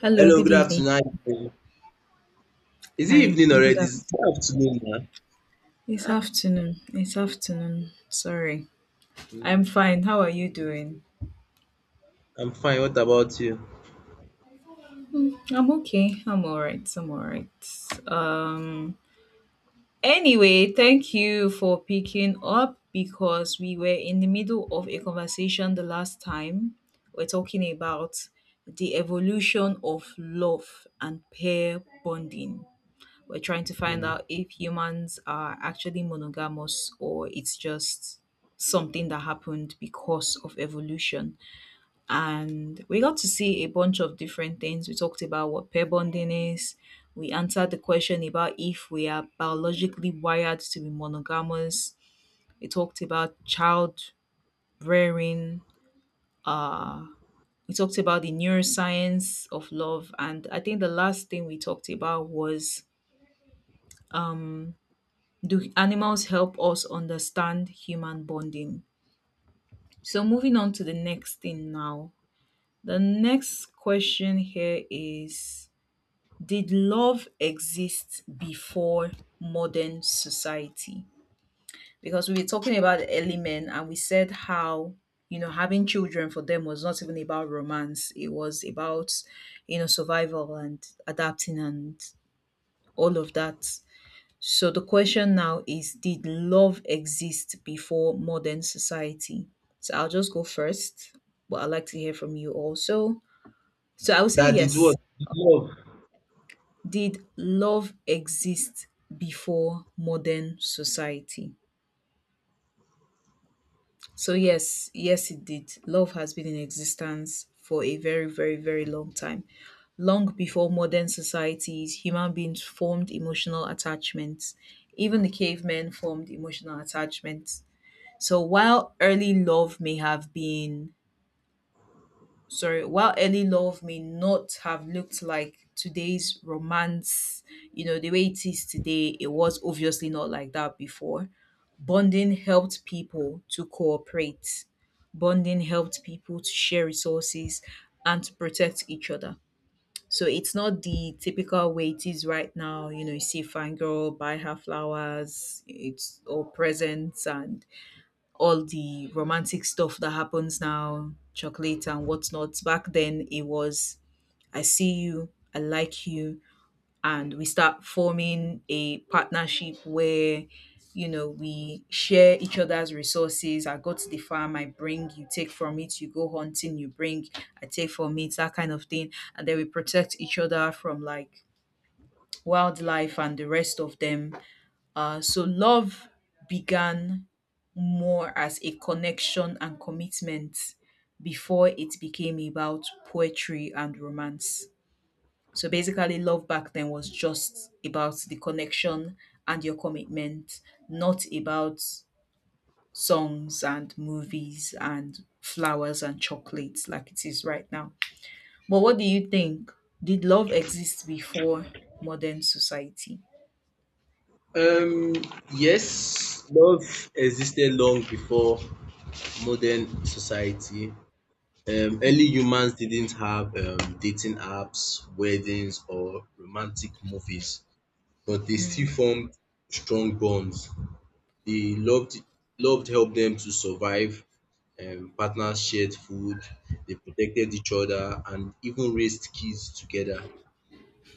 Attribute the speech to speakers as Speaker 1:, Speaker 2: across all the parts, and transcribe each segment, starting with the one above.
Speaker 1: Hello,
Speaker 2: Hello,
Speaker 1: good
Speaker 2: good
Speaker 1: evening.
Speaker 2: afternoon. How you doing? Is it
Speaker 1: Hi,
Speaker 2: evening
Speaker 1: good
Speaker 2: already? It's
Speaker 1: afternoon.
Speaker 2: good afternoon now.
Speaker 1: It's afternoon. It's afternoon. Sorry. I'm
Speaker 2: Mm,
Speaker 1: fine. How are you doing?
Speaker 2: I'm fine. What about you?
Speaker 1: I'm okay. I'm all right. I'm all right. Um anyway, thank you for picking up because we were in the middle of a conversation the last time. We're talking about the evolution of love and pair bonding. We're trying to find
Speaker 2: Mm.
Speaker 1: out if humans are actually monogamous or it's just something that happened because of evolution. And we got to see a bunch of different things. We talked about what pair bonding is. We answered the question about if we are biologically wired to be monogamous. We talked about child rearing. Uh, we talked about the neuroscience of love. And I think the last thing we talked about was, do animals help us understand human bonding? So moving on to the next thing now. The next question here is, did love exist before modern society? Because we were talking about the early men and we said how, you know, having children for them was not even about romance. It was about, you know, survival and adapting and all of that. So the question now is, did love exist before modern society? So I'll just go first, but I'd like to hear from you also. So I would say
Speaker 2: That it
Speaker 1: yes.
Speaker 2: was love.
Speaker 1: Did love exist before modern society? So, yes, yes, it did. Love has been in existence for a very, very, very long time. Long before modern societies, human beings formed emotional attachments. Even the cavemen formed emotional attachments. So while early love may have been, sorry, while early love may not have looked like today's romance, you know, the way it is today, it was obviously not like that before. Bonding helped people to cooperate, bonding helped people to share resources and to protect each other. So it's not the typical way it is right now. You know, you see fine girl buy her flowers, it's all presents and all the romantic stuff that happens now, chocolate and whatnot. Back then, it was I see you, I like you, and we start forming a partnership where, you know, we share each other's resources. I go to the farm, I bring, you take from it, you go hunting, you bring, I take from it, that kind of thing, and then we protect each other from like wildlife and the rest of them. So love began more as a connection and commitment before it became about poetry and romance. So basically, love back then was just about the connection and your commitment, not about songs and movies and flowers and chocolates like it is right now. But what do you think? Did love exist before modern society?
Speaker 2: Um, yes, love existed long before modern society. Early
Speaker 1: Mm,
Speaker 2: humans didn't have dating apps, weddings, or romantic movies, but they still
Speaker 1: mm,
Speaker 2: formed strong bonds. The loved helped them to survive. Partners shared food, they protected each other, and even raised kids together.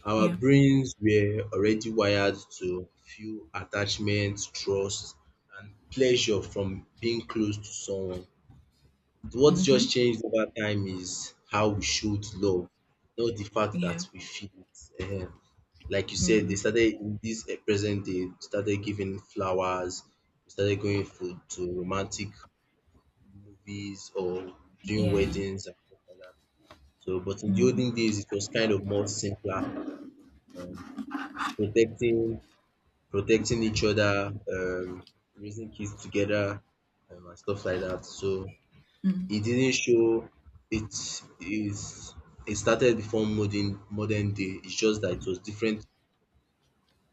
Speaker 2: Our
Speaker 1: yeah.
Speaker 2: brains were already wired to feel attachment, trust, and pleasure from being close to someone. What just
Speaker 1: Mm-hmm.
Speaker 2: changed over time is how we showed love, not the fact
Speaker 1: Yeah.
Speaker 2: that we feel it. Ehen, like you said, they
Speaker 1: Mm,
Speaker 2: started in this present day, started giving flowers, we started going for to romantic movies or during
Speaker 1: yeah.
Speaker 2: weddings and stuff like that. So, but in the
Speaker 1: Hmm.
Speaker 2: olden days, it was kind of more simpler, um, protecting protecting each other, raising kids together, and stuff like that. So it didn't show. It is it started before modern day. It's just that it was different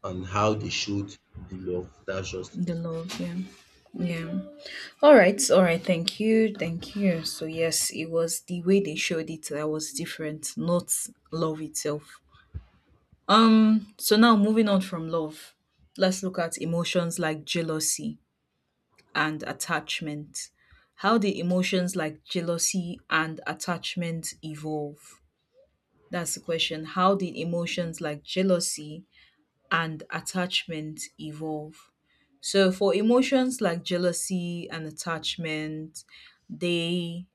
Speaker 2: on how they showed the love. That's just
Speaker 1: The
Speaker 2: it.
Speaker 1: love, yeah. Yeah. All right. All right. Thank you. Thank you. So, yes, it was the way they showed it that was different, not love itself. So now moving on from love, let's look at emotions like jealousy and attachment. How did emotions like jealousy and attachment evolve? That's the question. How did emotions like jealousy and attachment evolve? So for emotions like jealousy and attachment, they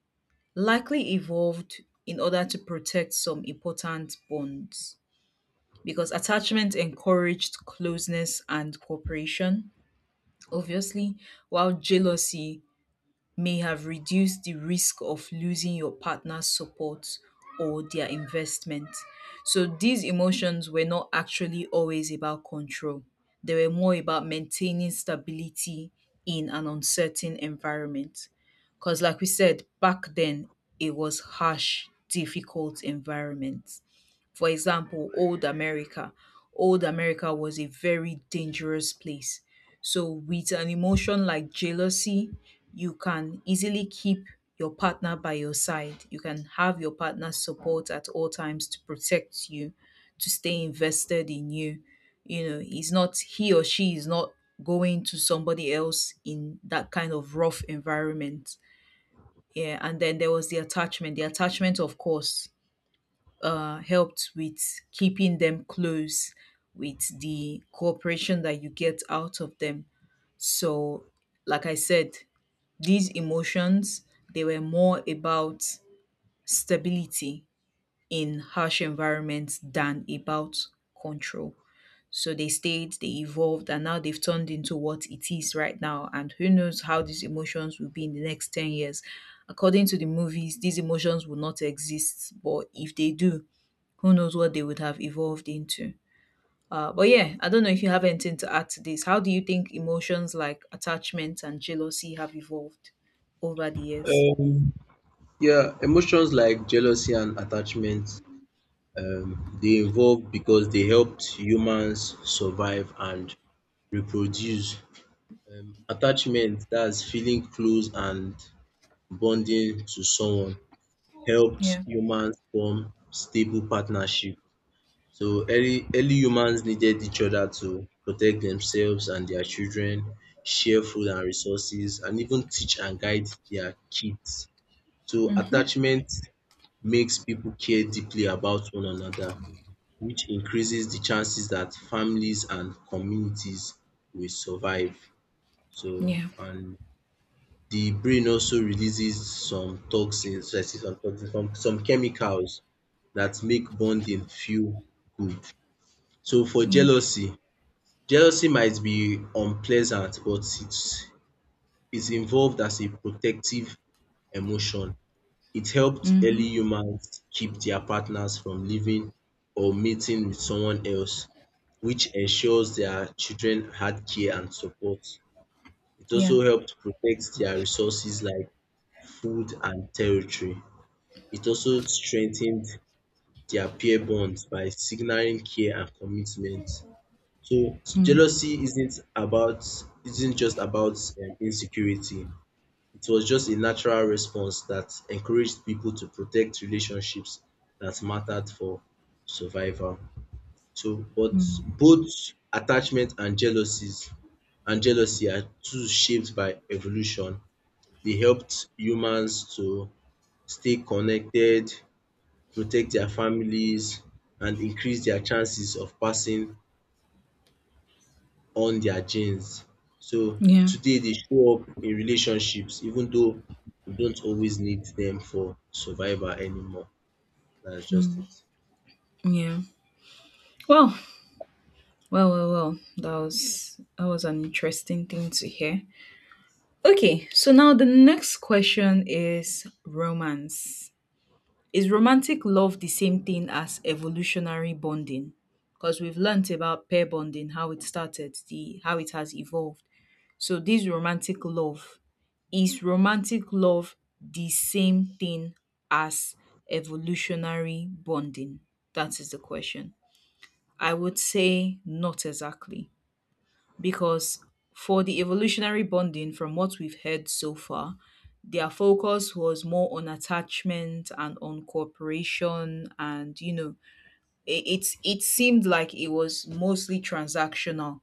Speaker 1: likely evolved in order to protect some important bonds because attachment encouraged closeness and cooperation, obviously, while jealousy may have reduced the risk of losing your partner's support or their investment. So these emotions were not actually always about control, they were more about maintaining stability in an uncertain environment. Because, like we said, back then it was harsh, difficult environment. For example, old America. Old America was a very dangerous place. So, with an emotion like jealousy, you can easily keep your partner by your side. You can have your partner's support at all times to protect you, to stay invested in you. You know, he or she is not going to somebody else in that kind of rough environment. Yeah, and then there was the attachment. The attachment, of course, helped with keeping them close with the cooperation that you get out of them. So like I said, these emotions, they were more about stability in harsh environments than about control. So they stayed, they evolved, and now they've turned into what it is right now. And who knows how these emotions will be in the next 10 years. According to the movies, these emotions will not exist, but if they do, who knows what they would have evolved into. But yeah, I don't know if you have anything to add to this. How do you think emotions like attachment and jealousy have evolved over the years?
Speaker 2: Yeah, emotions like jealousy and attachment, they evolved because they helped humans survive and reproduce. Attachment, that's feeling close and bonding to someone, helped
Speaker 1: Yeah.
Speaker 2: humans form stable partnership. So early humans needed each other to protect themselves and their children, share food and resources, and even teach and guide their kids. So
Speaker 1: Mm-hmm.
Speaker 2: attachment makes people care deeply about one another, which increases the chances that families and communities will survive. So
Speaker 1: Yeah.
Speaker 2: and the brain also releases some toxins, so I say some toxins, some chemicals that make bonding feel good. So for
Speaker 1: Yeah.
Speaker 2: jealousy, jealousy might be unpleasant, but it's involved as a protective emotion. It helped
Speaker 1: Mm-hmm.
Speaker 2: early humans keep their partners from leaving or mating with someone else, which ensures their children had care and support. It
Speaker 1: Yeah.
Speaker 2: also helped protect their resources like food and territory. It also strengthened their peer bonds by signaling care and commitment. So
Speaker 1: Mm.
Speaker 2: jealousy isn't just about insecurity. It was just a natural response that encouraged people to protect relationships that mattered for survival. So, but both attachment and jealousies and jealousy are too shaped by evolution. They helped humans to stay connected, protect their families, and increase their chances of passing on their genes. So
Speaker 1: Yeah.
Speaker 2: today they show up in relationships even though we don't always need them for survival anymore. That's just it.
Speaker 1: Yeah. Well, well, that was an interesting thing to hear. Okay, so now the next question is romance. Is romantic love the same thing as evolutionary bonding? Because we've learnt about pair bonding, how it started, the how it has evolved. So this romantic love, is romantic love the same thing as evolutionary bonding? That is the question. I would say not exactly, because for the evolutionary bonding from what we've heard so far, their focus was more on attachment and on cooperation, and you know, it seemed like it was mostly transactional.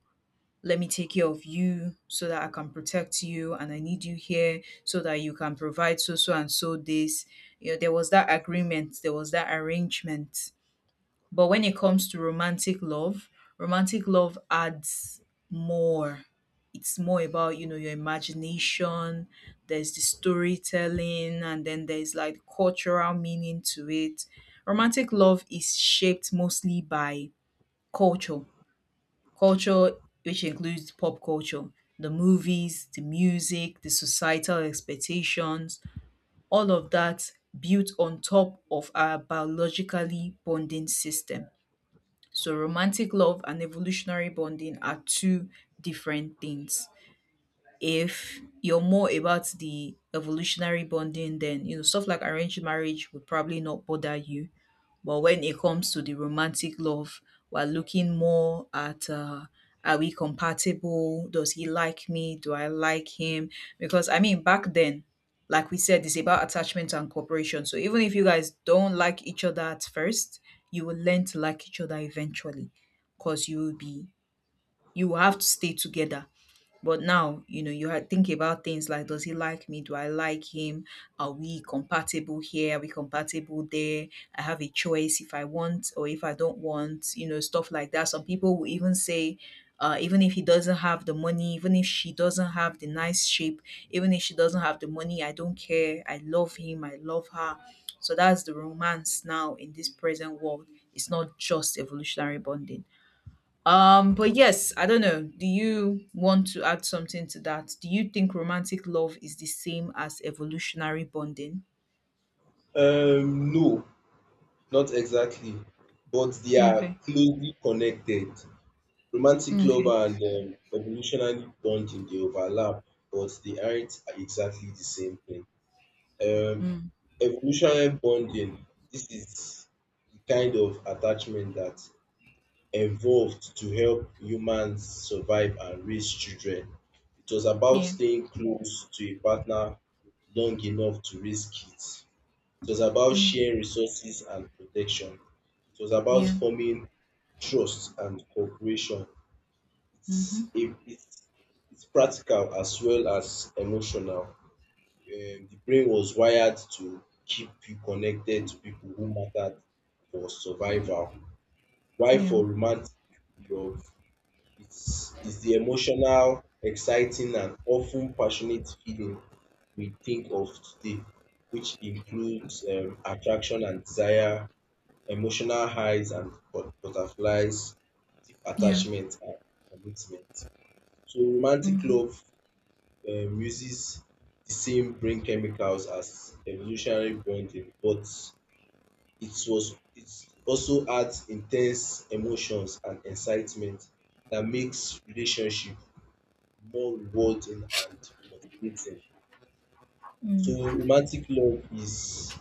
Speaker 1: Let me take care of you so that I can protect you, and I need you here so that you can provide so so and so this, you know, there was that agreement, there was that arrangement. But when it comes to romantic love adds more. It's more about, you know, your imagination, there's the storytelling, and then there's like cultural meaning to it. Romantic love is shaped mostly by culture. Culture which includes pop culture, the movies, the music, the societal expectations, all of that built on top of our biologically bonding system. So romantic love and evolutionary bonding are two different things. If you're more about the evolutionary bonding, then you know stuff like arranged marriage would probably not bother you. But when it comes to the romantic love, we're looking more at are we compatible? Does he like me? Do I like him? Because I mean, back then, like we said, it's about attachment and cooperation. So even if you guys don't like each other at first, you will learn to like each other eventually, because you will have to stay together. But now, you know, you had think about things like, does he like me? Do I like him? Are we compatible here? Are we compatible there? I have a choice if I want or if I don't want, you know, stuff like that. Some people will even say, even if he doesn't have the money, even if she doesn't have the nice shape, even if she doesn't have the money, I don't care. I love him. I love her. So that's the romance now in this present world. It's not just evolutionary bonding. But yes, I don't know. Do you want to add something to that? Do you think romantic love is the same as evolutionary bonding?
Speaker 2: No, not exactly, but they are
Speaker 1: Okay.
Speaker 2: closely connected. Romantic love
Speaker 1: Okay.
Speaker 2: and evolutionary bonding they overlap, but they aren't exactly the same thing. Um,
Speaker 1: Mm.
Speaker 2: Evolutionary bonding, this is the kind of attachment that evolved to help humans survive and raise children. It was about
Speaker 1: Yeah.
Speaker 2: staying close to a partner long enough to raise kids. It was about
Speaker 1: Mm.
Speaker 2: sharing resources and protection. It was about
Speaker 1: Yeah.
Speaker 2: forming trust and cooperation. It's,
Speaker 1: Mm-hmm.
Speaker 2: a, it's, it's practical as well as emotional. The brain was wired to keep you connected to people who mattered for survival. Why
Speaker 1: Yeah.
Speaker 2: for romantic love? It's the emotional, exciting, and often passionate feeling we think of today, which includes attraction and desire, emotional highs and butterflies, deep
Speaker 1: Yeah.
Speaker 2: attachment and commitment. So, romantic
Speaker 1: Mm-hmm.
Speaker 2: love uses the same brain chemicals as evolutionary bonding, but it also adds intense emotions and excitement that makes relationship more rewarding and motivating. So
Speaker 1: Mm.
Speaker 2: romantic love is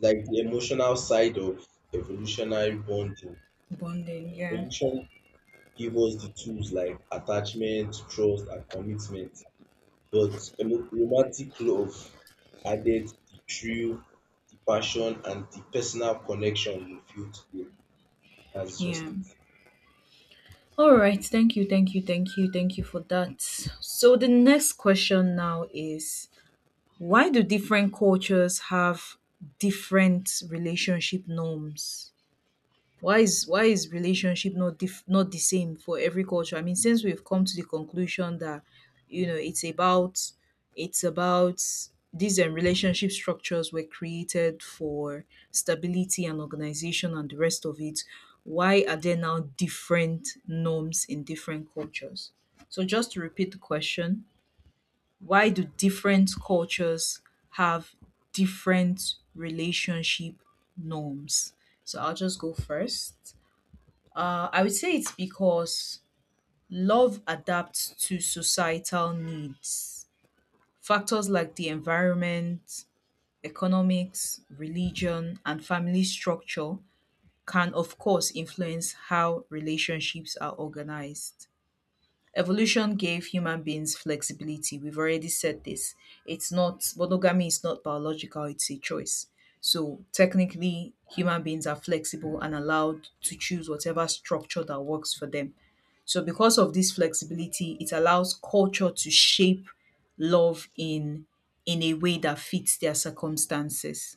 Speaker 2: like the emotional side of evolutionary bonding.
Speaker 1: Bonding. Yeah.
Speaker 2: Evolution gave us the tools like attachment, trust, and commitment. But romantic love added the thrill, the passion, and the personal connection we feel today. That's just
Speaker 1: Yeah.
Speaker 2: it.
Speaker 1: All right. Thank you. Thank you. Thank you. Thank you for that. So the next question now is, why do different cultures have different relationship norms? Why is relationship not the same for every culture? I mean, since we've come to the conclusion that, you know, it's about these relationship structures were created for stability and organization and the rest of it, why are there now different norms in different cultures? So just to repeat the question, why do different cultures have different relationship norms? So I'll just go first. I would say it's because love adapts to societal needs. Factors like the environment, economics, religion, and family structure can, of course, influence how relationships are organized. Evolution gave human beings flexibility. We've already said this. It's not, monogamy is not biological, it's a choice. So technically, human beings are flexible and allowed to choose whatever structure that works for them. So because of this flexibility, it allows culture to shape love in a way that fits their circumstances.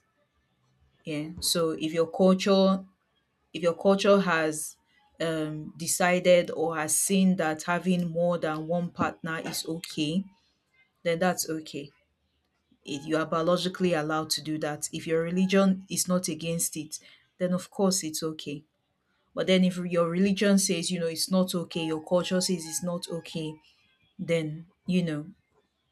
Speaker 1: Yeah. So if your culture, if your culture has decided or has seen that having more than one partner is okay, then that's okay. If you are biologically allowed to do that. If your religion is not against it, then of course it's okay. But then if your religion says, it's not okay, your culture says it's not okay, then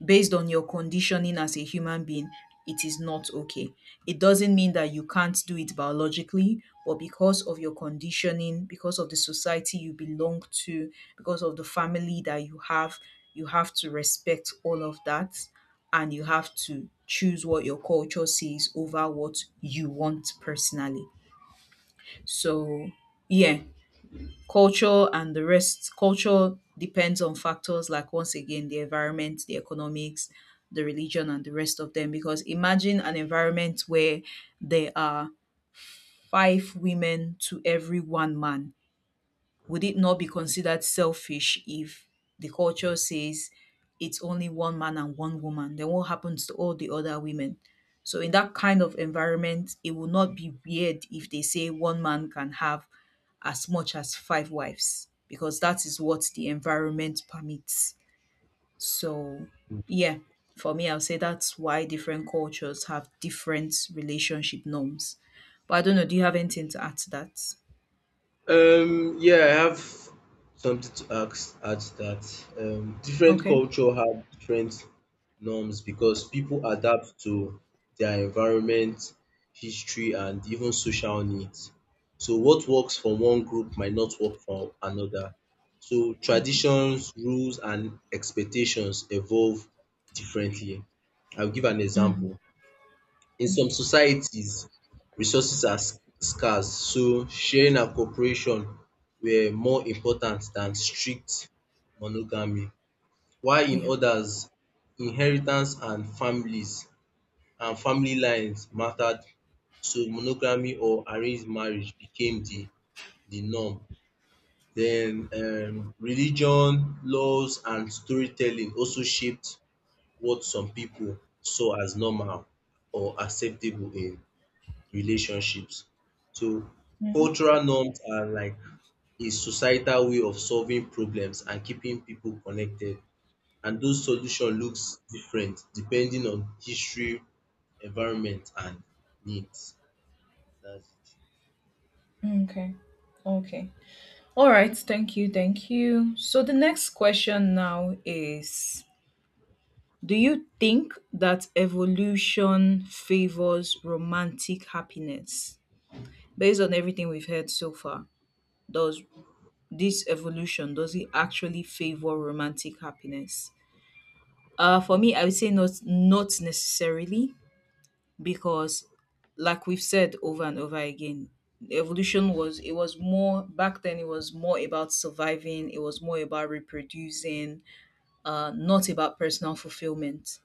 Speaker 1: based on your conditioning as a human being, it is not okay. It doesn't mean that you can't do it biologically, but because of your conditioning, because of the society you belong to, because of the family that you have, you have to respect all of that, and you have to choose what your culture says over what you want personally. So, yeah. Culture and the rest culture depends on factors like, once again, the environment, the economics, the religion, and the rest of them. Because imagine an environment where there are five women to every one man. Would it not be considered selfish if the culture says it's only one man and one woman? Then what happens to all the other women? So, in that kind of environment, it would not be weird if they say one man can have as much as five wives, because that is what the environment permits. So, yeah, for me, I'll say that's why different cultures have different relationship norms. But I don't know, do you have anything to add to that?
Speaker 2: Yeah, I have something to ask at that. Different
Speaker 1: Okay,
Speaker 2: culture have different norms because people adapt to their environment, history, and even social needs. So what works for one group might not work for another. So traditions, rules, and expectations evolve differently. I'll give an example. In some societies, resources are scarce, so sharing and cooperation were more important than strict monogamy, while in
Speaker 1: yeah.
Speaker 2: others, inheritance and families and family lines mattered, so monogamy or arranged marriage became the norm. Then religion, laws and storytelling also shaped what some people saw as normal or acceptable in relationships. So cultural norms are like a societal way of solving problems and keeping people connected. And those solution looks different depending on history, environment and needs. That's
Speaker 1: Okay. Okay. All right. Thank you. Thank you. So the next question now is, do you think that evolution favors romantic happiness? Based on everything we've heard so far, does this evolution, does it actually favor romantic happiness? For me, I would say not necessarily, because, like we've said over and over again, evolution was it was more back then, it was more about surviving, it was more about reproducing, not about personal fulfillment.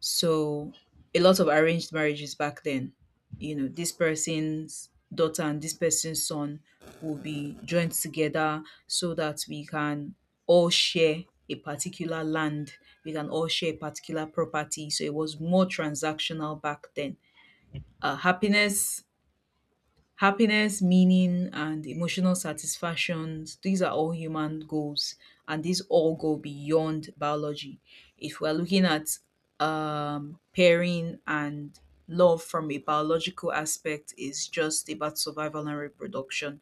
Speaker 1: So a lot of arranged marriages back then, this person's daughter and this person's son will be joined together so that we can all share a particular land, we can all share a particular property. So it was more transactional back then. Uh, happiness happiness meaning, and emotional satisfaction, these are all human goals, and these all go beyond biology. If we're looking at pairing and love from a biological aspect, is just about survival and reproduction.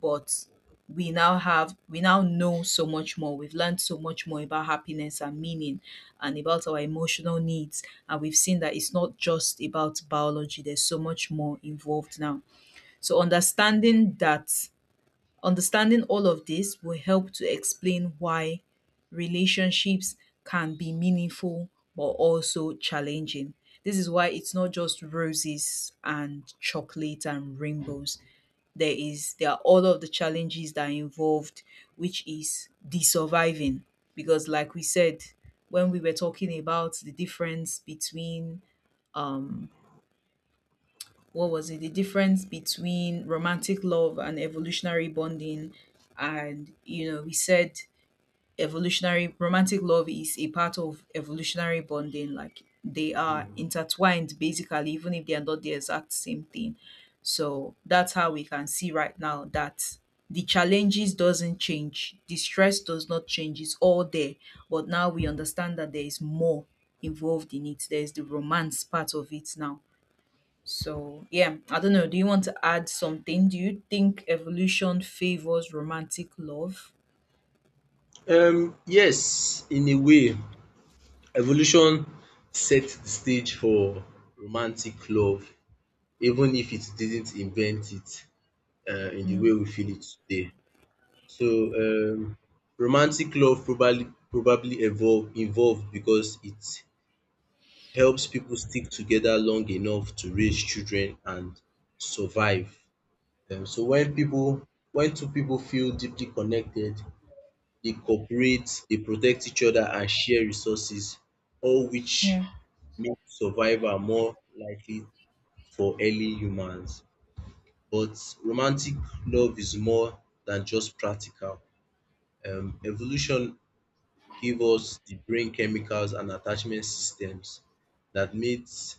Speaker 1: But we now know so much more, we've learned so much more about happiness and meaning, and about our emotional needs, and we've seen that it's not just about biology, there's so much more involved now. So understanding all of this will help to explain why relationships can be meaningful, but also challenging. This is why it's not just roses and chocolate and rainbows. There are all of the challenges that are involved, which is the surviving. Because like we said, when we were talking about the difference between, um what was it? The difference between romantic love and evolutionary bonding. And, we said evolutionary romantic love is a part of evolutionary bonding, like they
Speaker 2: it.
Speaker 1: are
Speaker 2: Mm.
Speaker 1: intertwined, basically, even if they are not the exact same thing. So that's how we can see right now that the challenges doesn't change, the stress does not change, it's all there, but now we understand that there is more involved in it, there's the romance part of it now. So yeah, I don't know, do you want to add something? Do you think evolution favors romantic love?
Speaker 2: Yes, in a way, evolution set the stage for romantic love, even if it didn't invent it in the way we feel it today. So romantic love probably evolved because it helps people stick together long enough to raise children and survive. When two people feel deeply connected, they cooperate, they protect each other and share resources, all which
Speaker 1: Yeah.
Speaker 2: make survival more likely for early humans. But romantic love is more than just practical. Evolution give us the brain chemicals and attachment systems that makes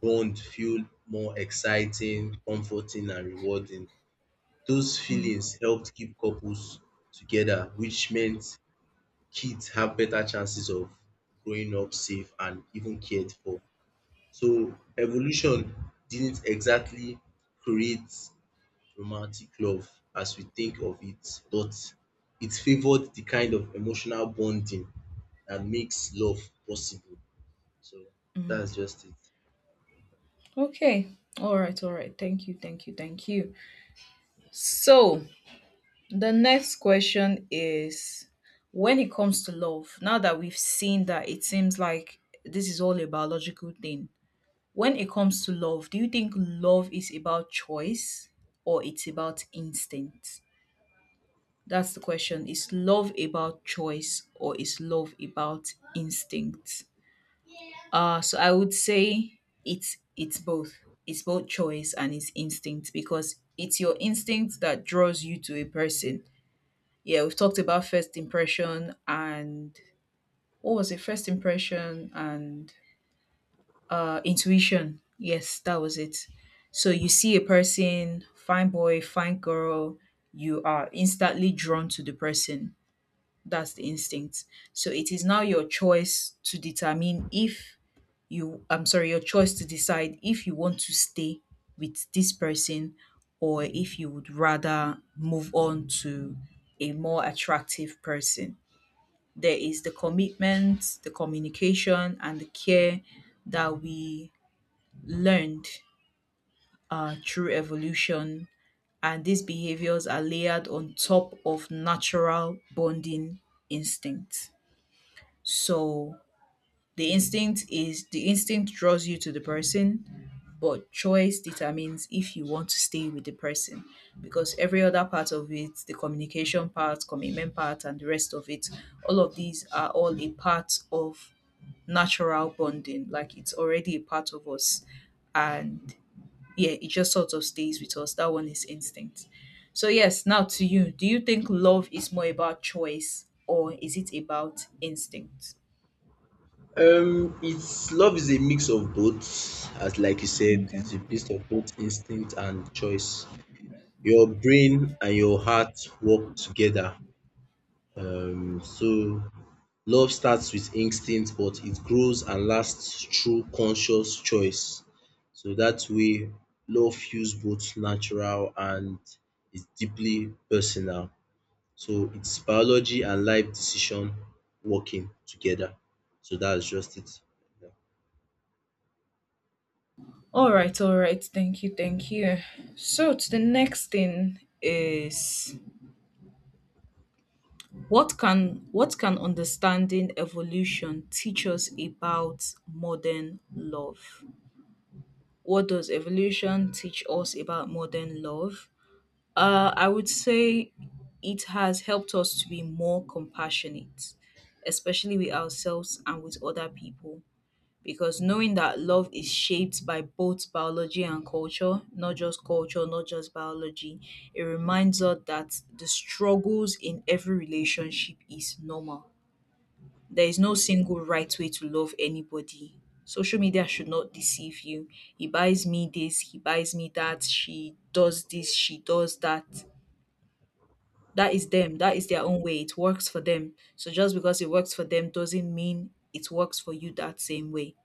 Speaker 2: bond feel more exciting, comforting and rewarding. Those feelings helped keep couples together, which meant kids have better chances of growing up safe and even cared for. So evolution didn't exactly create romantic love as we think of it, but it favored the kind of emotional bonding that makes love possible. So that's just it.
Speaker 1: Okay. All right. All right. Thank you. Thank you. Thank you. So, the next question is, when it comes to love, now that we've seen that it seems like this is all a biological thing, when it comes to love, do you think love is about choice or it's about instinct? That's the question. Is love about choice or is love about instinct? So I would say it's both. It's both choice and it's instinct, because it's your instinct that draws you to a person. Yeah, we've talked about first impression and, what was it? First impression and intuition. Yes, that was it. So you see a person, fine boy, fine girl, you are instantly drawn to the person. That's the instinct. So it is now your choice to determine if you, I'm sorry, your choice to decide if you want to stay with this person, or if you would rather move on to a more attractive person. There is the commitment, the communication, and the care that we learned through evolution. And these behaviors are layered on top of natural bonding instincts. So the instinct draws you to the person, but choice determines if you want to stay with the person, because every other part of it, the communication part, commitment part, and the rest of it, all of these are all a part of natural bonding. Like, it's already a part of us. And yeah, it just sort of stays with us. That one is instinct. So, yes, now to you. Do you think love is more about choice, or is it about instinct?
Speaker 2: It's love is a mix of both, as like you said, it's
Speaker 1: Okay.
Speaker 2: a mix of both instinct and choice. Your brain and your heart work together. So love starts with instinct but it grows and lasts through conscious choice. So that way, love feels both natural and is deeply personal. So it's biology and life decision working together. So that's just it. Yeah.
Speaker 1: All right, all right. Thank you, thank you. So to the next thing is, what can understanding evolution teach us about modern love? What does evolution teach us about modern love? I would say it has helped us to be more compassionate, especially with ourselves and with other people, because knowing that love is shaped by both biology and culture, not just biology, it reminds us that the struggles in every relationship is normal. There is no single right way to love anybody. Social media should not deceive you. He buys me this, he buys me that, she does this, she does that. That is them, that is their own way. It works for them. So just because it works for them doesn't mean it works for you that same way.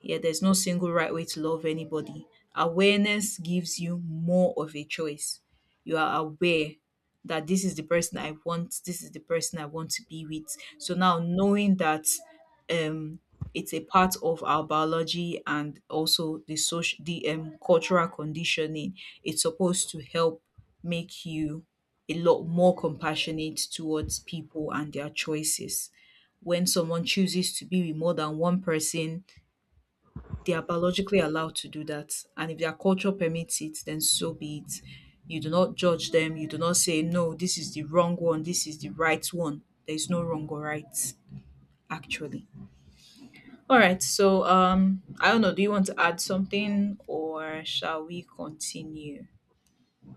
Speaker 1: Yeah, there's no single right way to love anybody. Awareness gives you more of a choice. You are aware that this is the person I want, this is the person I want to be with. So now knowing that um it's a part of our biology, and also the cultural conditioning, it's supposed to help make you a lot more compassionate towards people and their choices. When someone chooses to be with more than one person, they are biologically allowed to do that, and if their culture permits it, then so be it. You do not judge them. You do not say, no, this is the wrong one, this is the right one. There's no wrong or right, actually. All right. So I don't know, do you want to add something, or shall we continue?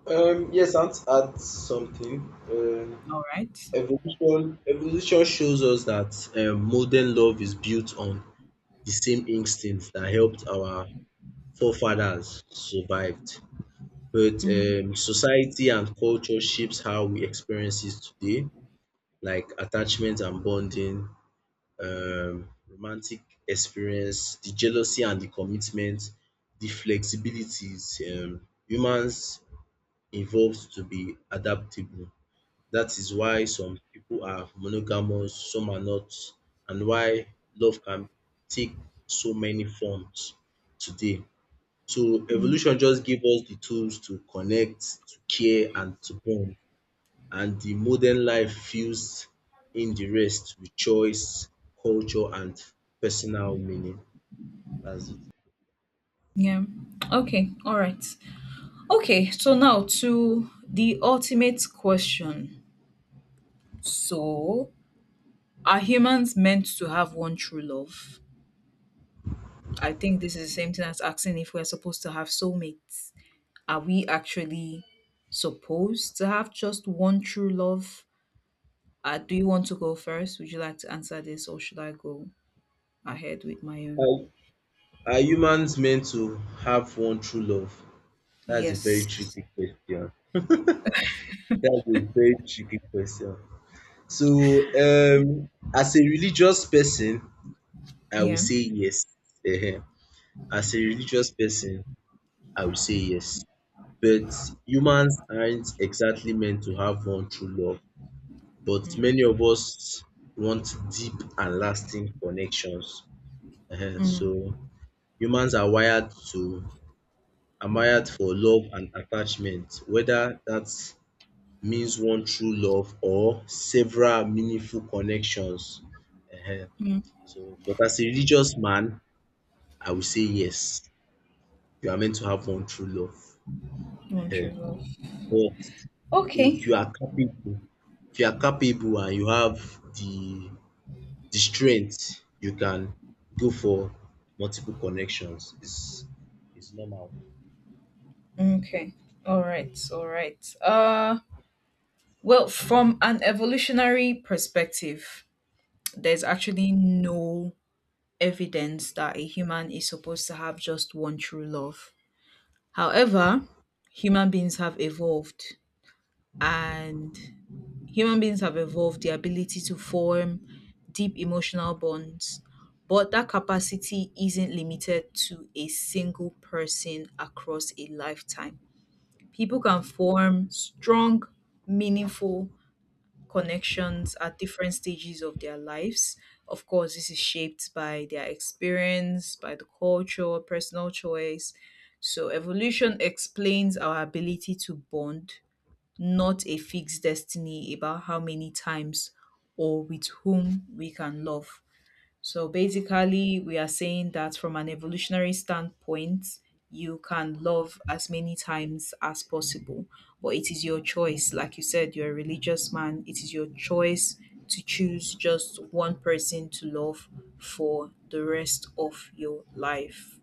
Speaker 2: Yes, I'd add something.
Speaker 1: All right.
Speaker 2: Evolution shows us that modern love is built on the same instincts that helped our forefathers survived. But
Speaker 1: Mm,
Speaker 2: society and culture shapes how we experience it today, like attachment and bonding, romantic experience, the jealousy and the commitment, the flexibilities. Humans evolved to be adaptable. That is why some people are monogamous, some are not, and why love can take so many forms today. So
Speaker 1: mm.
Speaker 2: evolution just gave us the tools to connect, to care, and to bond. And the modern life fills in the rest with choice, culture, and personal meaning. That's it.
Speaker 1: Yeah. Okay. All right. Okay. So now to the ultimate question. So, are humans meant to have one true love? I think this is the same thing as asking if we're supposed to have soulmates. Are we actually supposed to have just one true love? Do you want to go first? Would you like to answer this, or should I go ahead with my own?
Speaker 2: Are, are humans meant to have one true love? That's a very
Speaker 1: Yes.
Speaker 2: tricky question. That's a very tricky question. So, as a religious person, I will
Speaker 1: Yeah.
Speaker 2: say yes. Ehen. As a religious person, I will say yes. But humans aren't exactly meant to have one true love, but many of us want deep and lasting connections. Ehen,
Speaker 1: Mm,
Speaker 2: so humans are wired for love and attachment, whether that means one true love or several meaningful connections. Ehen,
Speaker 1: mm.
Speaker 2: so but as a religious man, I will say yes, you are meant to have one true love.
Speaker 1: One
Speaker 2: Ehen,
Speaker 1: true love.
Speaker 2: but if you
Speaker 1: Okay.
Speaker 2: are capable and you have the the strength, you can go for multiple connections. It's normal.
Speaker 1: Okay. All right. All right. Well, from an evolutionary perspective, there's actually no evidence that a human is supposed to have just one true love. However, human beings have evolved, and human beings have evolved the ability to form deep emotional bonds. But that capacity isn't limited to a single person across a lifetime. People can form strong, meaningful connections at different stages of their lives. Of course, this is shaped by their experience, by the culture, personal choice. So, evolution explains our ability to bond, not a fixed destiny about how many times or with whom we can love. So basically, we are saying that from an evolutionary standpoint, you can love as many times as possible, but it is your choice. Like you said, you're a religious man, it is your choice to choose just one person to love for the rest of your life.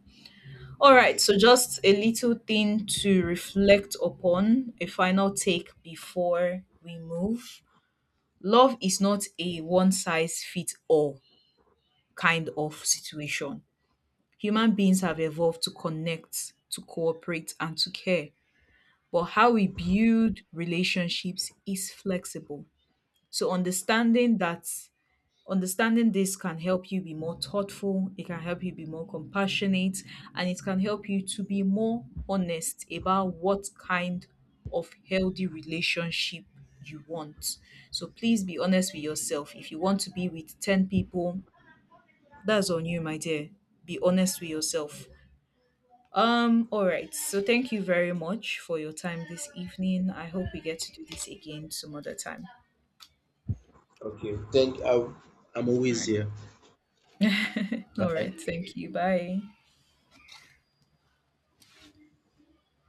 Speaker 1: All right, so
Speaker 2: Yes.
Speaker 1: just a little thing to reflect upon, a final take before we move. Love is not a one size fits all kind of situation. Human beings have evolved to connect, to cooperate, and to care. But how we build relationships is flexible. So understanding that, understanding this can help you be more thoughtful, it can help you be more compassionate, and it can help you to be more honest about what kind of healthy relationship you want. So please be honest with yourself. If you want to be with 10 people, that's on you, my dear. Be honest with yourself. All right. So thank you very much for your time this evening. I hope we get to do this again some other time.
Speaker 2: Okay. Thank I'm
Speaker 1: All
Speaker 2: always here.
Speaker 1: right. All
Speaker 2: Bye.
Speaker 1: right. Thank you. Bye.